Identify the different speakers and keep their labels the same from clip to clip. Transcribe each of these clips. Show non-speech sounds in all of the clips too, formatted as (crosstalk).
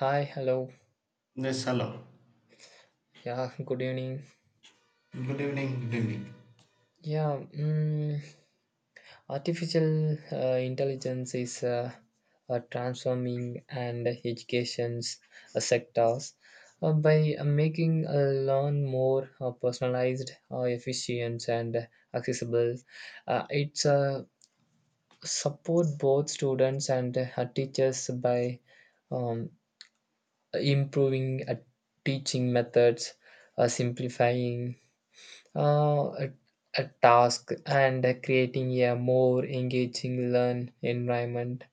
Speaker 1: Hi, hello.
Speaker 2: Yes, hello.
Speaker 1: Yeah, (laughs) good evening.
Speaker 2: Good evening, good evening.
Speaker 1: Yeah, artificial intelligence is transforming and education's sectors by making a learn more personalized, efficient, and accessible. It's support both students and teachers by um, improving teaching methods, simplifying uh, a, a task and creating a more engaging learn environment.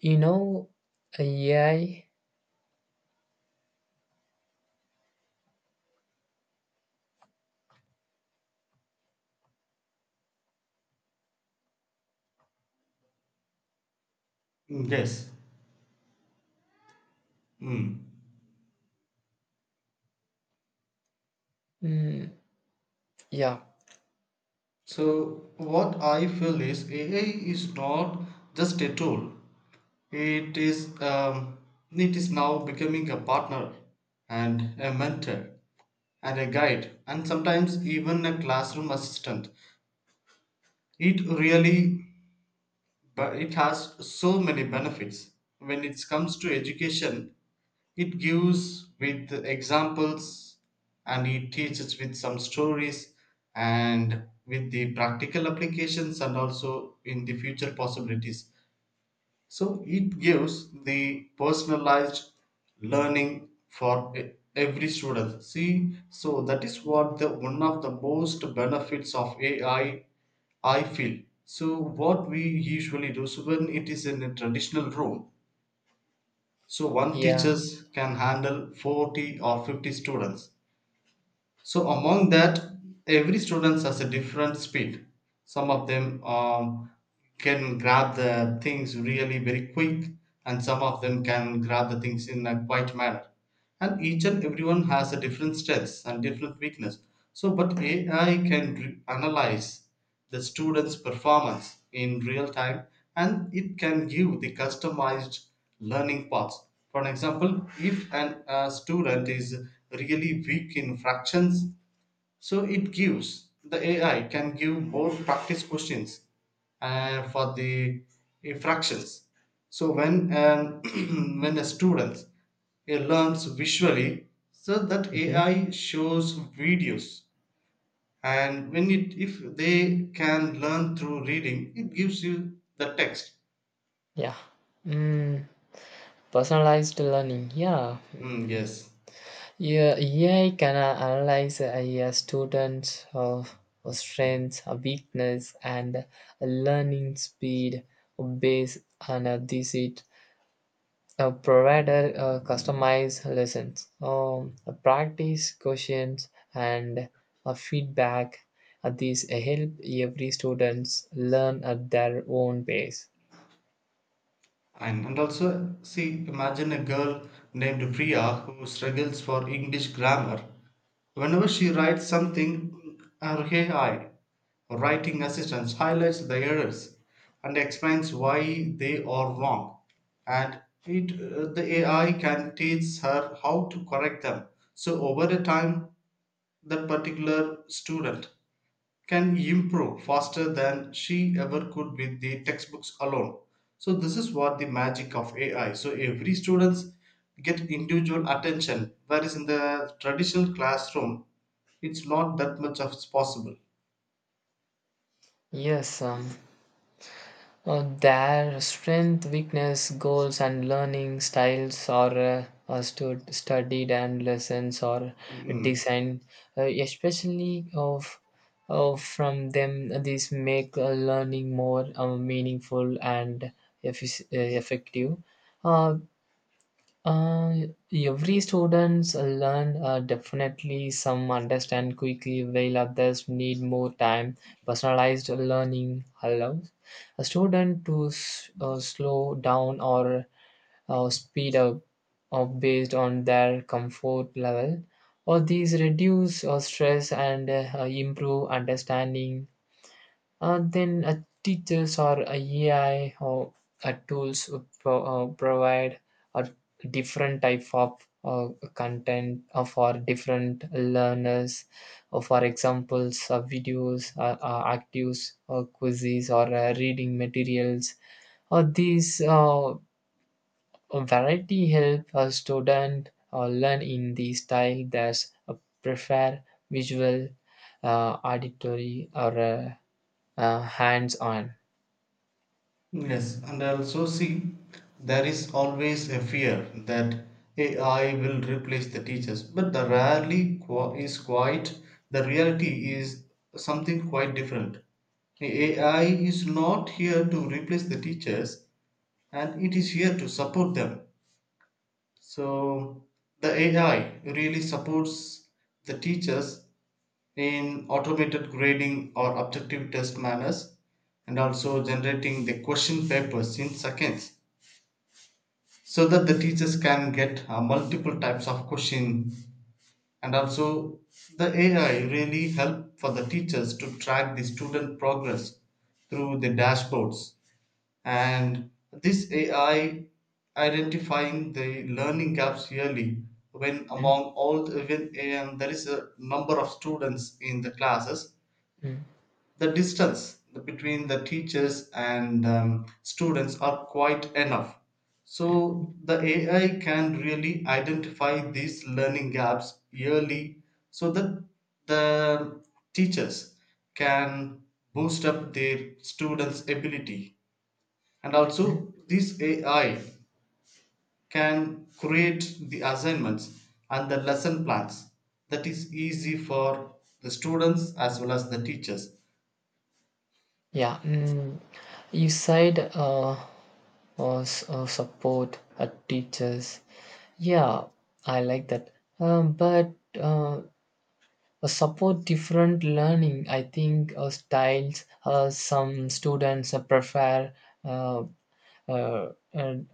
Speaker 1: You know, AI,
Speaker 2: Mm. Yes. Mm.
Speaker 1: mm, yeah,
Speaker 2: So, what I feel is AI is not just a tool. It is, um, it is now becoming a partner and a mentor and a guide and sometimes even a classroom assistant. It really, but it has so many benefits when it comes to education. It gives with examples and it teaches with some stories and with the practical applications and also in the future possibilities. So it gives the personalized learning for every student. See, so that is what the one of the most benefits of AI I feel. So what we usually do, so when it is in a traditional room, so one
Speaker 1: yeah,
Speaker 2: teachers can handle 40 or 50 students. So among that, every student has a different speed. Some of them can grab the things really very quick, and some of them can grab the things in a quiet manner. And each and everyone has a different strengths and different weakness. So but AI can analyze the student's performance in real time, and it can give the customized learning paths. For example, if a student is really weak in fractions, so it gives the AI can give more practice questions for the fractions. So when an (clears throat) when a student he learns visually, so that
Speaker 1: mhm,
Speaker 2: AI shows videos, and when it if they can learn through reading it gives you the text.
Speaker 1: yeah, mm, personalized learning, yeah.
Speaker 2: Mm,
Speaker 1: Mm.
Speaker 2: yes.
Speaker 1: Yeah, AI can analyze a student's strengths, weakness, and learning speed based on this A provider customize lessons, a practice questions, and a feedback. These help every students learn at their own pace.
Speaker 2: And also see, imagine a girl named Priya who struggles for English grammar. Whenever she writes something, her AI writing assistance highlights the errors and explains why they are wrong, and it the AI can teach her how to correct them. So over the time, that particular student can improve faster than she ever could with the textbooks alone. So this is what the magic of AI, so every students get individual attention, whereas in the traditional classroom it's not that much of it's possible.
Speaker 1: Yes, their strength, weakness, goals, and learning styles are studied, and lessons are
Speaker 2: Mm, mm.
Speaker 1: designed, especially of from them. These make learning more meaningful and effective. Uh, uh, every students learn definitely. Some understand quickly while others need more time. Personalized learning allows a student to slow down or speed up based on their comfort level, or these reduce stress and improve understanding. Then teachers or AI or tools would provide a different type of content for different learners. For examples, videos, actives, quizzes, or reading materials. These variety help a student learn in the style that's prefer: visual, auditory, or hands-on.
Speaker 2: Yes, and also see, there is always a fear that AI will replace the teachers, but the reality is something quite different. The AI is not here to replace the teachers, and it is here to support them. So the AI really supports the teachers in automated grading or objective test manners, and also generating the question papers in seconds so that the teachers can get multiple types of question, and also the AI really help for the teachers to track the student progress through the dashboards, and this AI identifying the learning gaps yearly. When
Speaker 1: Mm.
Speaker 2: among all the when and there is a number of students in the classes,
Speaker 1: Mm.
Speaker 2: the distance between the teachers and students are quite enough, so
Speaker 1: Mm.
Speaker 2: the AI can really identify these learning gaps early so that the teachers can boost up their students ability. And also
Speaker 1: Mm.
Speaker 2: this AI can create the assignments and the lesson plans that is easy for the students as well as the teachers.
Speaker 1: Yeah, you said support teachers. Yeah, I like that. But uh, Support different learning, I think, styles. Some students prefer. Uh, and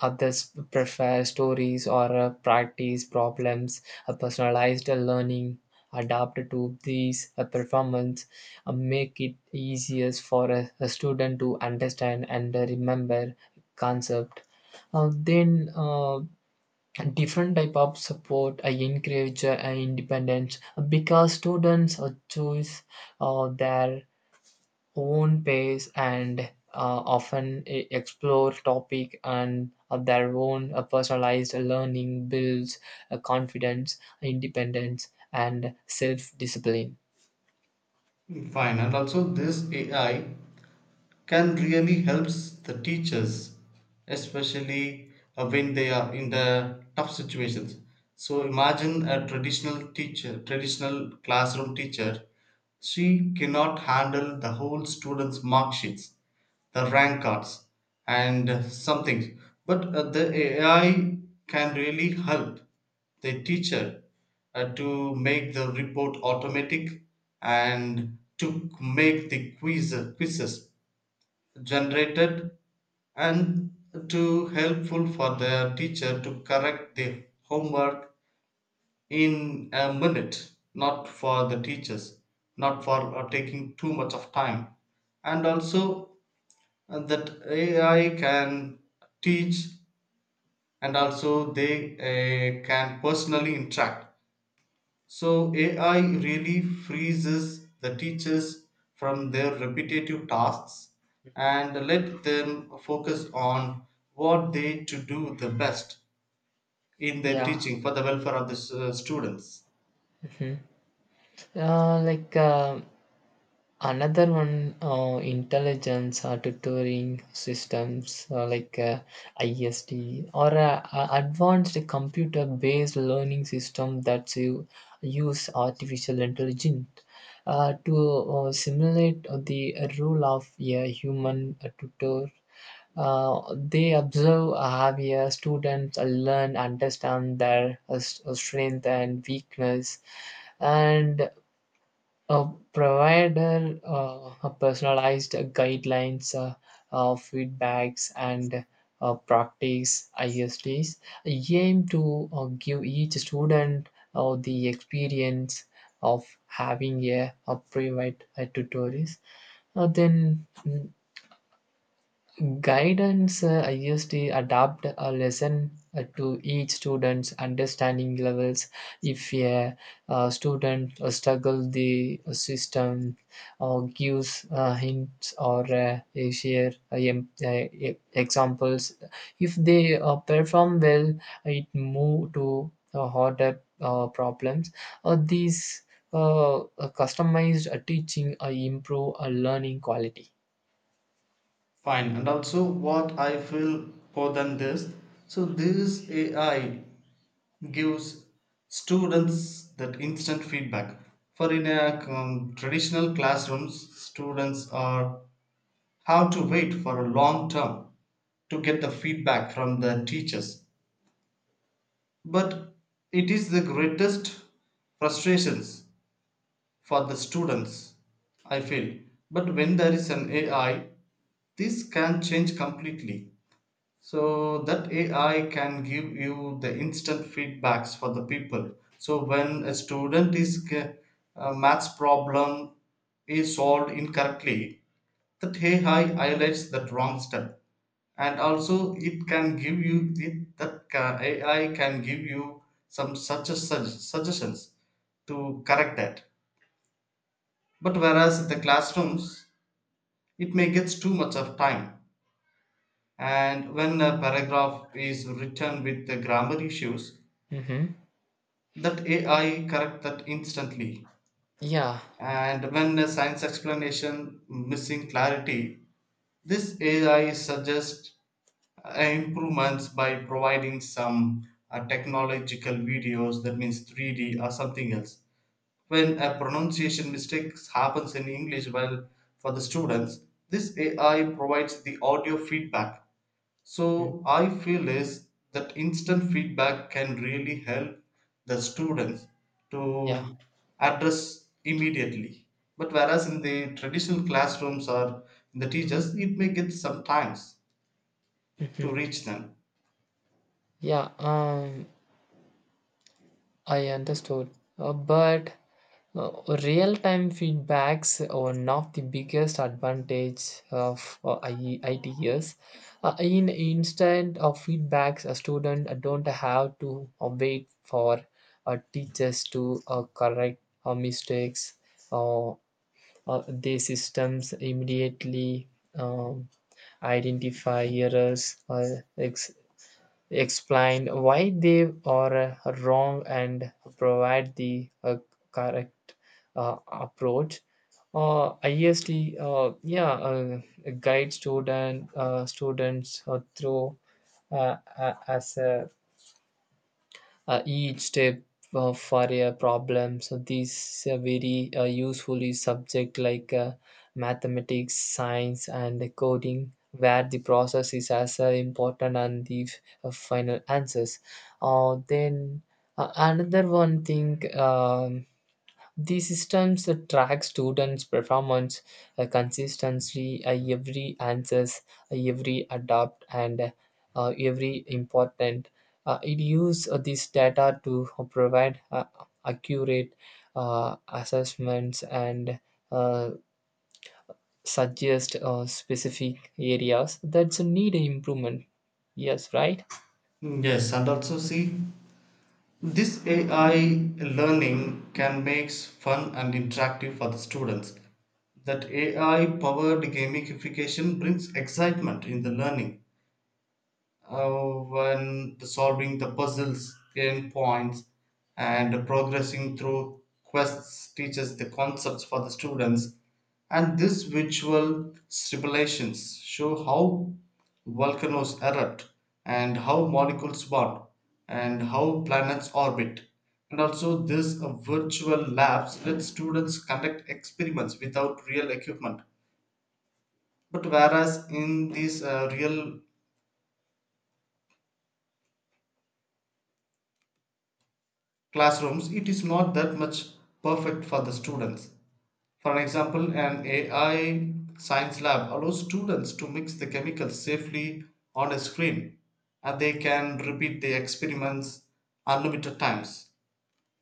Speaker 1: others prefer stories or practice problems. A personalized learning adapted to these performance make it easier for a student to understand and remember concept. Then uh, different type of support encourage independence, because students choose their own pace and often explore topic. And of their own, personalized learning builds confidence, independence, and self-discipline.
Speaker 2: Fine, and also this AI can really helps the teachers, especially when they are in the tough situations. So imagine a traditional classroom teacher, she cannot handle the whole students mark sheets, the rank cards, and some things. But the AI can really help the teacher to make the report automatic, and to make the quizzes generated, and to helpful for the teacher to correct the homework in a minute, not for the teachers, not for taking too much of time. And also that AI can teach, and also they can personally interact. So AI really freezes the teachers from their repetitive tasks and let them focus on what they to do the best in their
Speaker 1: Yeah.
Speaker 2: teaching for the welfare of the students.
Speaker 1: Hmm. uh, like uh, Another one, intelligence or tutoring systems like IST, or a advanced computer-based learning system that you use artificial intelligence to simulate the role of a human tutor. They observe how your students learn, understand their strength and weakness, and uh, provider, a personalized guidelines, feedbacks, and practice. ISDs aim to give each student the experience of having a private tutorials. Then guidance I used to adapt a lesson to each student's understanding levels. If a student struggles, the system or gives hints or share examples. If they perform well, it move to harder problems. These customized teaching improve learning quality.
Speaker 2: Fine. And also what I feel more than this. So this AI gives students that instant feedback. For in a traditional classrooms, students are how to wait for a long term to get the feedback from the teachers, but it is the greatest frustrations for the students I feel. But when there is an AI, this can change completely, so that AI can give you the instant feedbacks for the people. So when a student is a maths problem is solved incorrectly, that AI highlights that wrong step, and also it can give you, AI can give you some, such suggestions to correct that. But whereas in the classrooms, it may get too much of time. And when a paragraph is written with the grammar issues,
Speaker 1: Mhm.
Speaker 2: that AI correct that instantly.
Speaker 1: Yeah.
Speaker 2: And when a science explanation missing clarity, this AI suggests improvements by providing some technological videos, that means 3D or something else. When a pronunciation mistakes happens in English well, for the students, this AI provides the audio feedback. So I feel is that instant feedback can really help the students to
Speaker 1: Yeah.
Speaker 2: address immediately, but whereas in the traditional classrooms or in the teachers, it may get some times to
Speaker 1: Mhm.
Speaker 2: reach them.
Speaker 1: Yeah, I understood. But uh, real-time feedbacks are not the biggest advantage of ITS. In instead of feedbacks, a student don't have to wait for teachers to correct mistakes. Uh, the systems immediately um, identify errors, explain why they are wrong, and provide the correct approach. IST, guide students through a- as a each step for a problem. So these very useful is subject like mathematics, science, and coding, where the process is as important and the final answers. Then another one thing, the systems that track students' performance consistently, every answers, every adapt, and every important. It uses this data to provide accurate assessments and uh, suggest specific areas that need improvement. Yes, right?
Speaker 2: Hmm. Yes, and also see, this AI learning can make fun and interactive for the students. That AI powered gamification brings excitement in the learning uh, when the solving the puzzles, gain points, and progressing through quests teaches the concepts for the students. And these visual simulations show how volcanoes erupt, and how molecules burn, and how planets orbit. And also, this virtual labs let students conduct experiments without real equipment. But whereas in these real classrooms, it is not that much perfect for the students. For example, an AI science lab allows students to mix the chemicals safely on a screen, and they can repeat the experiments unlimited times.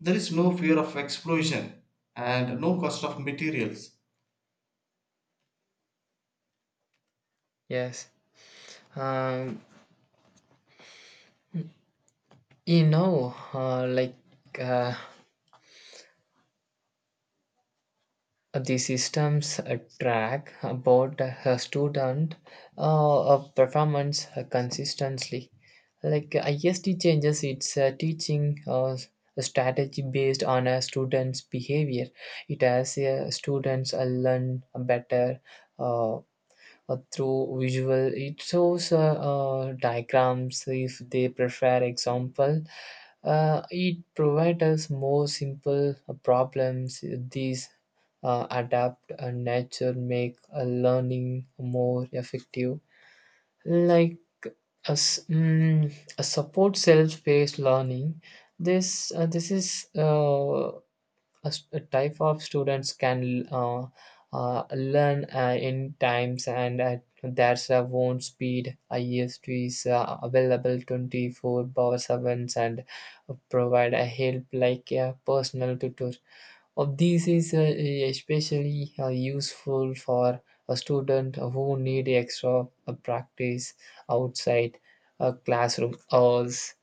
Speaker 2: There is no fear of explosion and no cost of materials.
Speaker 1: Yes. Um, you know, uh, the systems track about a student performance consistently. IST changes its teaching strategy based on a student's behavior. It has students learn better uh, through visual. It shows diagrams if they prefer example, it provides us more simple problems. These adapt and nature make learning more effective, like a support self-paced learning. This is a type of students can learn in times and at their own speed. IST is available 24 by 7 and provide a help like a personal tutor. This is especially useful for a student who need extra practice outside classroom hours.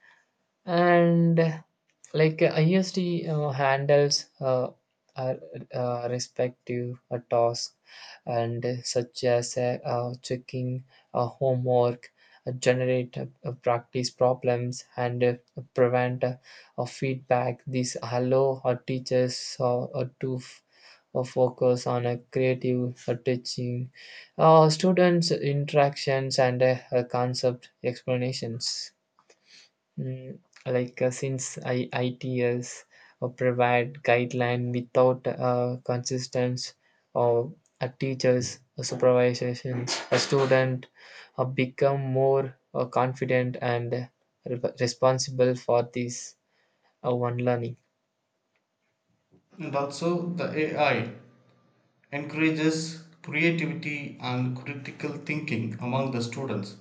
Speaker 1: And ISD handles uh, respective tasks, and such as checking homework, generate practice problems, and prevent feedback. These allow our teachers to focus on a creative teaching, students' interactions, and concept explanations. Mm. Since ITS provide guideline without consistence of a teacher's supervision, a student become more confident and responsible for this one learning.
Speaker 2: And also the AI encourages creativity and critical thinking among the students.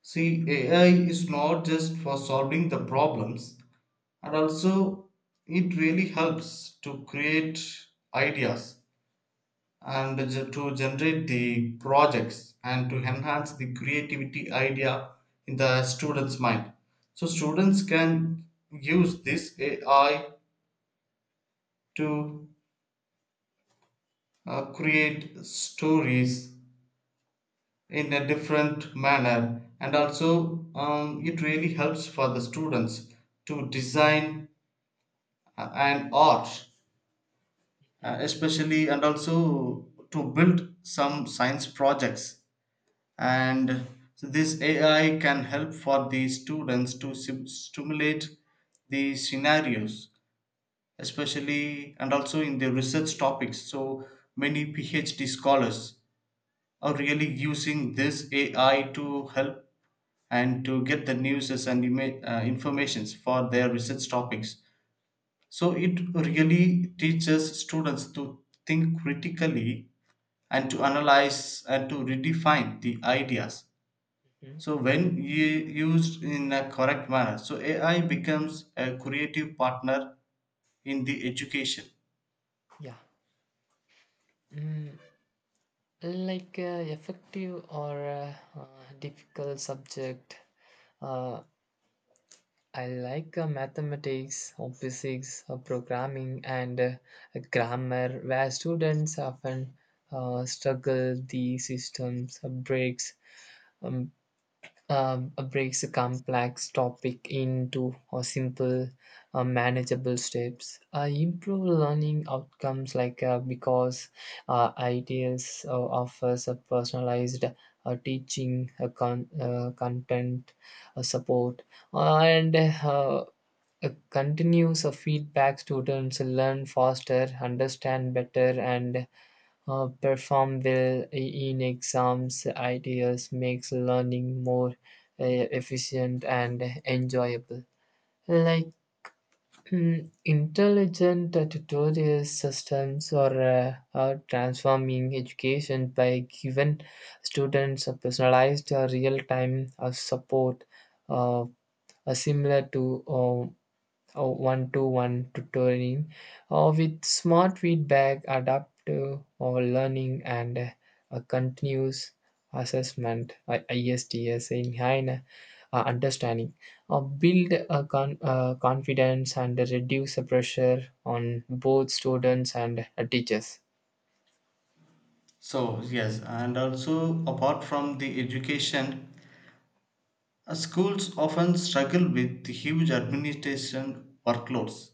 Speaker 2: See, AI is not just for solving the problems, and also it really helps to create ideas, and to generate the projects and to enhance the creativity idea in the students mind. So students can use this AI to create stories in a different manner. And also it really helps for the students to design an art especially, and also to build some science projects. And so this AI can help for the students to stimulate the scenarios, especially and also in the research topics. So many PhD scholars are really using this AI to help, and to get the news and informations for their research topics. So it really teaches students to think critically and to analyze and to redefine the ideas.
Speaker 1: Mhm.
Speaker 2: So when you used in a correct manner, so AI becomes a creative partner in the education.
Speaker 1: Yeah. Mm, like effective or uh, difficult subject, uh, I like mathematics or physics or programming and grammar, where students often struggle the systems breaks, um, breaks a complex topic into a simple, manageable steps. I improve learning outcomes, like because ideas offers a personalized teaching, content, support, and a continuous of feedback. Students learn faster, understand better, and perform well in exams. Ideas makes learning more efficient and enjoyable. Like, intelligent tutorial systems or are transforming education by giving students a personalized real time support, uh, similar to or one-to-one tutoring, or with smart feedback adaptive or learning, and a continuous assessment. ISTS in high understanding build a confidence and reduce the pressure on both students and teachers.
Speaker 2: So yes, and also apart from the education, schools often struggle with the huge administration workloads.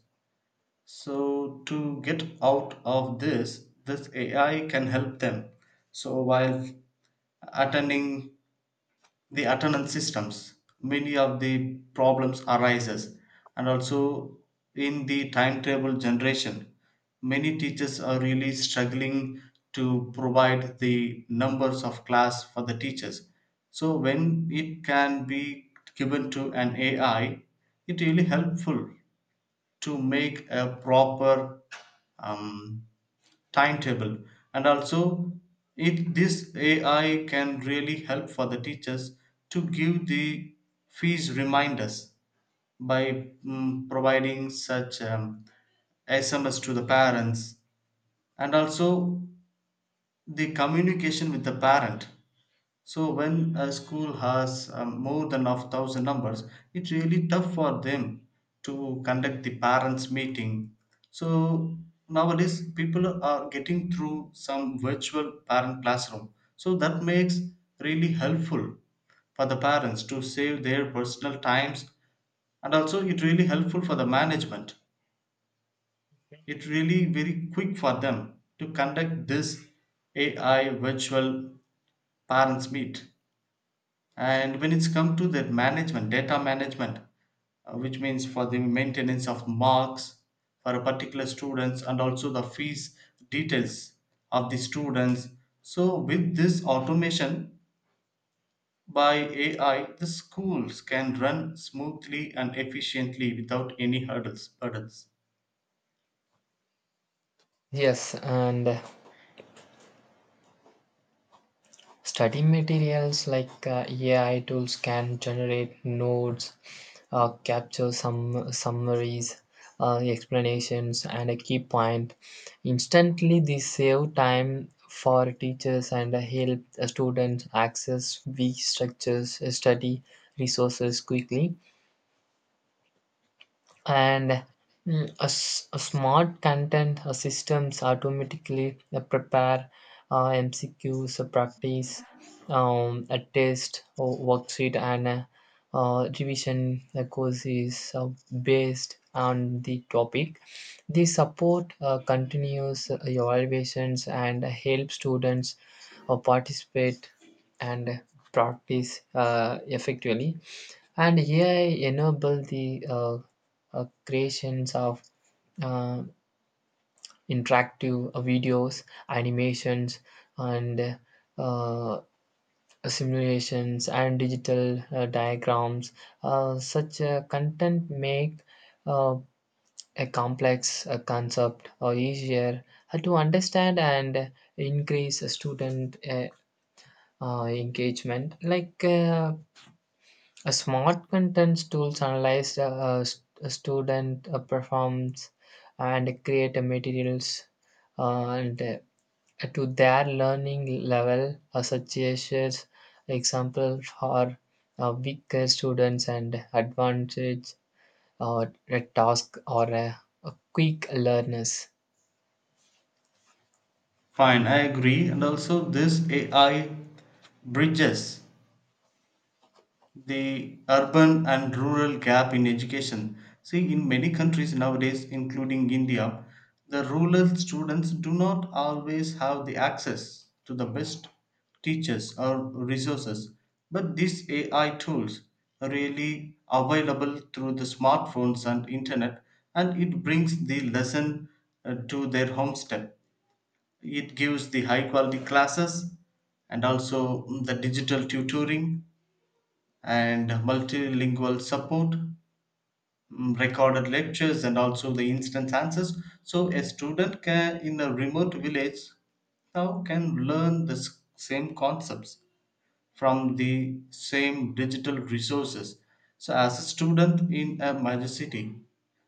Speaker 2: So to get out of this, this AI can help them. So while attending the attendance systems, many of the problems arises. And also in the timetable generation, many teachers are really struggling to provide the numbers of class for the teachers. So when it can be given to an AI, it really helpful to make a proper um, timetable. And also it, this AI can really help for the teachers to give the fees reminders by providing such SMS to the parents. And also the communication with the parent, so when a school has more than of thousand numbers, it's really tough for them to conduct the parents meeting. So nowadays people are getting through some virtual parent classroom. So that makes really helpful for the parents to save their personal times, and also it really helpful for the management. It really very quick for them to conduct this AI virtual parents meet. And when it's come to the management data management, which means for the maintenance of marks for a particular students, and also the fees details of the students. So with this automation by AI, the schools can run smoothly and efficiently without any hurdles burdens.
Speaker 1: Yes, and study materials like AI tools can generate notes, capture some summaries, explanations, and a key point. Instantly, they save time for teachers and help students access weak structures, study resources quickly. And a smart content systems automatically prepare mcqs, practice, a test or worksheet, and revision courses based on the topic. The support continues evaluations and help students participate and practice effectively. And AI enable the creations of uh, interactive videos, animations, and uh, simulations and digital diagrams. Such content make uh, a complex concept or easier to understand and increase student engagement. Like, a smart content tools analyze a student performance and create a materials and to their learning level, such as example for weaker students and advantage or a task or a quick learners.
Speaker 2: Fine, I agree. And also this AI bridges the urban and rural gap in education. See, in many countries nowadays, including India, the rural students do not always have the access to the best teachers or resources. But these AI tools are really available through the smartphones and internet, and it brings the lesson to their homestead. It gives the high quality classes, and also the digital tutoring and multilingual support, recorded lectures, and also the instant answers. So a student can in a remote village now can learn the same concepts from the same digital resources. So as a student in a major city,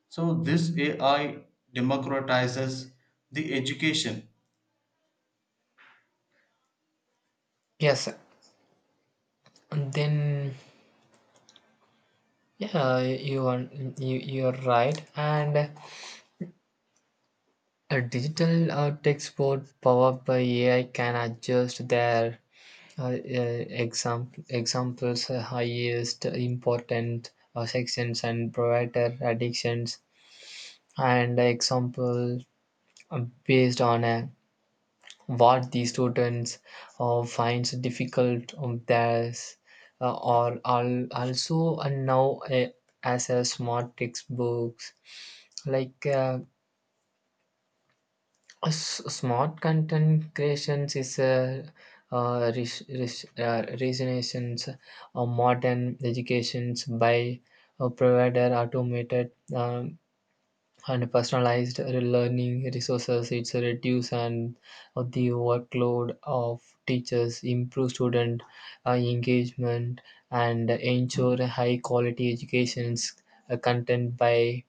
Speaker 2: so this AI democratizes the education.
Speaker 1: Yes, and then yeah, you are, you're right. And a digital text board powered by AI can adjust their examples, highest important sections, and provider addictions and example based on what the students finds difficult on theirs, or al- also now as a smart textbooks. Like, smart content creations is a resonations or modern educations by provider automated and personalized learning resources. It's a reduce and of the workload of teachers, improve student engagement, and ensure high quality educations content by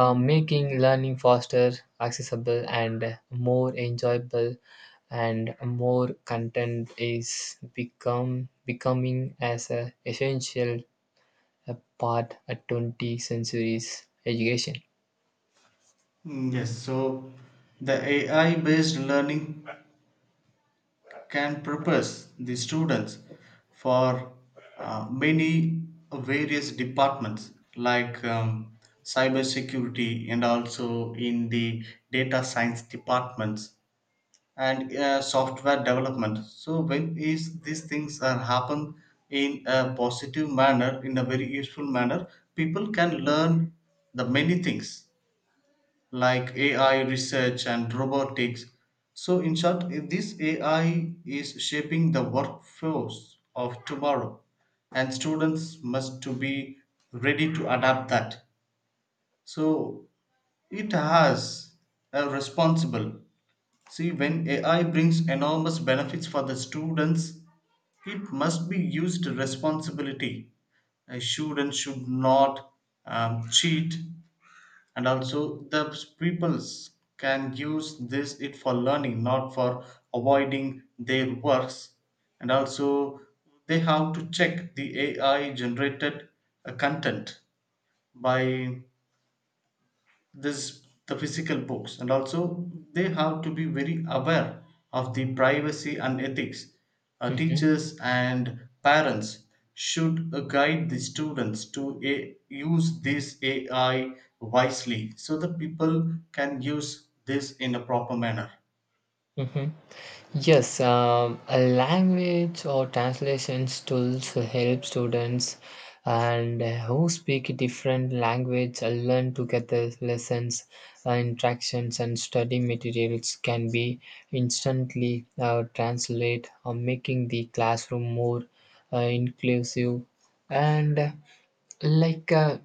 Speaker 1: making learning faster, accessible, and more enjoyable, and more content is become becoming as a essential a part of 20th century's education.
Speaker 2: Mm. Yes, so the AI based learning can prepares the students for many various departments like cyber security, and also in the data science departments, and software development. So when is these things are happen in a positive manner in a very useful manner, people can learn the many things like AI research and robotics. So, in short, this AI is shaping the workforce of tomorrow, and students must to be ready to adapt that. So, it has a responsible. See, when AI brings enormous benefits for the students, it must be used responsibility. A student should not cheat, and also the peoples can use this it for learning, not for avoiding their works. And also they have to check the AI generated content by this the physical books, and also they have to be very aware of the privacy and ethics.
Speaker 1: Hmm.
Speaker 2: Teachers and parents should guide the students to use this AI wisely, so that people can use this in a proper manner.
Speaker 1: Hmm. Yes, a language or translation tools help students and who speak different language learn together lessons, interactions, and study materials can be instantly translate, making the classroom more inclusive. And like a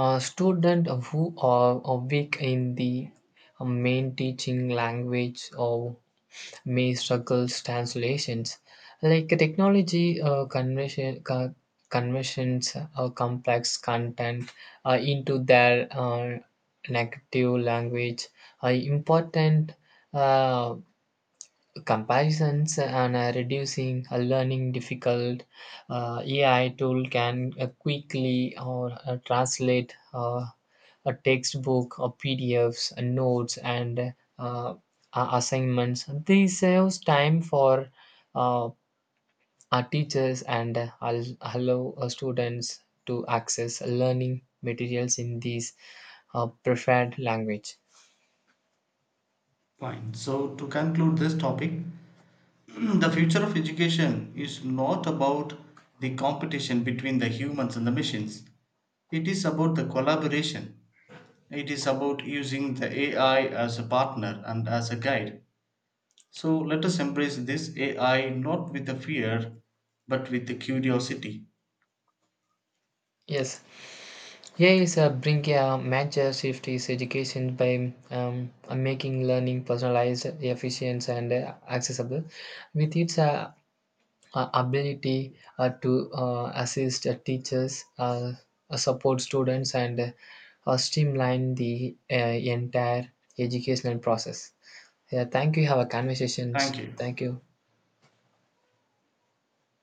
Speaker 1: student who are weak in the main teaching language or may struggles translations. Like, technology conversion, conversions complex content into their native language are important uh, comparisons and reducing learning difficult. AI tool can quickly or translate a textbook or PDFs, notes, and assignments. This saves time for uh, our teachers and allow students to access learning materials in these preferred language.
Speaker 2: Fine. So, to conclude this topic, (clears throat) the future of education is not about the competition between the humans and the machines. It is about the collaboration. It is about using the AI as a partner and as a guide. So let us embrace this AI not with the fear but with the curiosity.
Speaker 1: Yes, here is a bring a major shift is education by making learning personalized, efficient, and accessible. With its ability to assist teachers, support students, and streamline the entire educational process. Yeah, thank you. Have a conversations.
Speaker 2: Thank you.
Speaker 1: Thank you.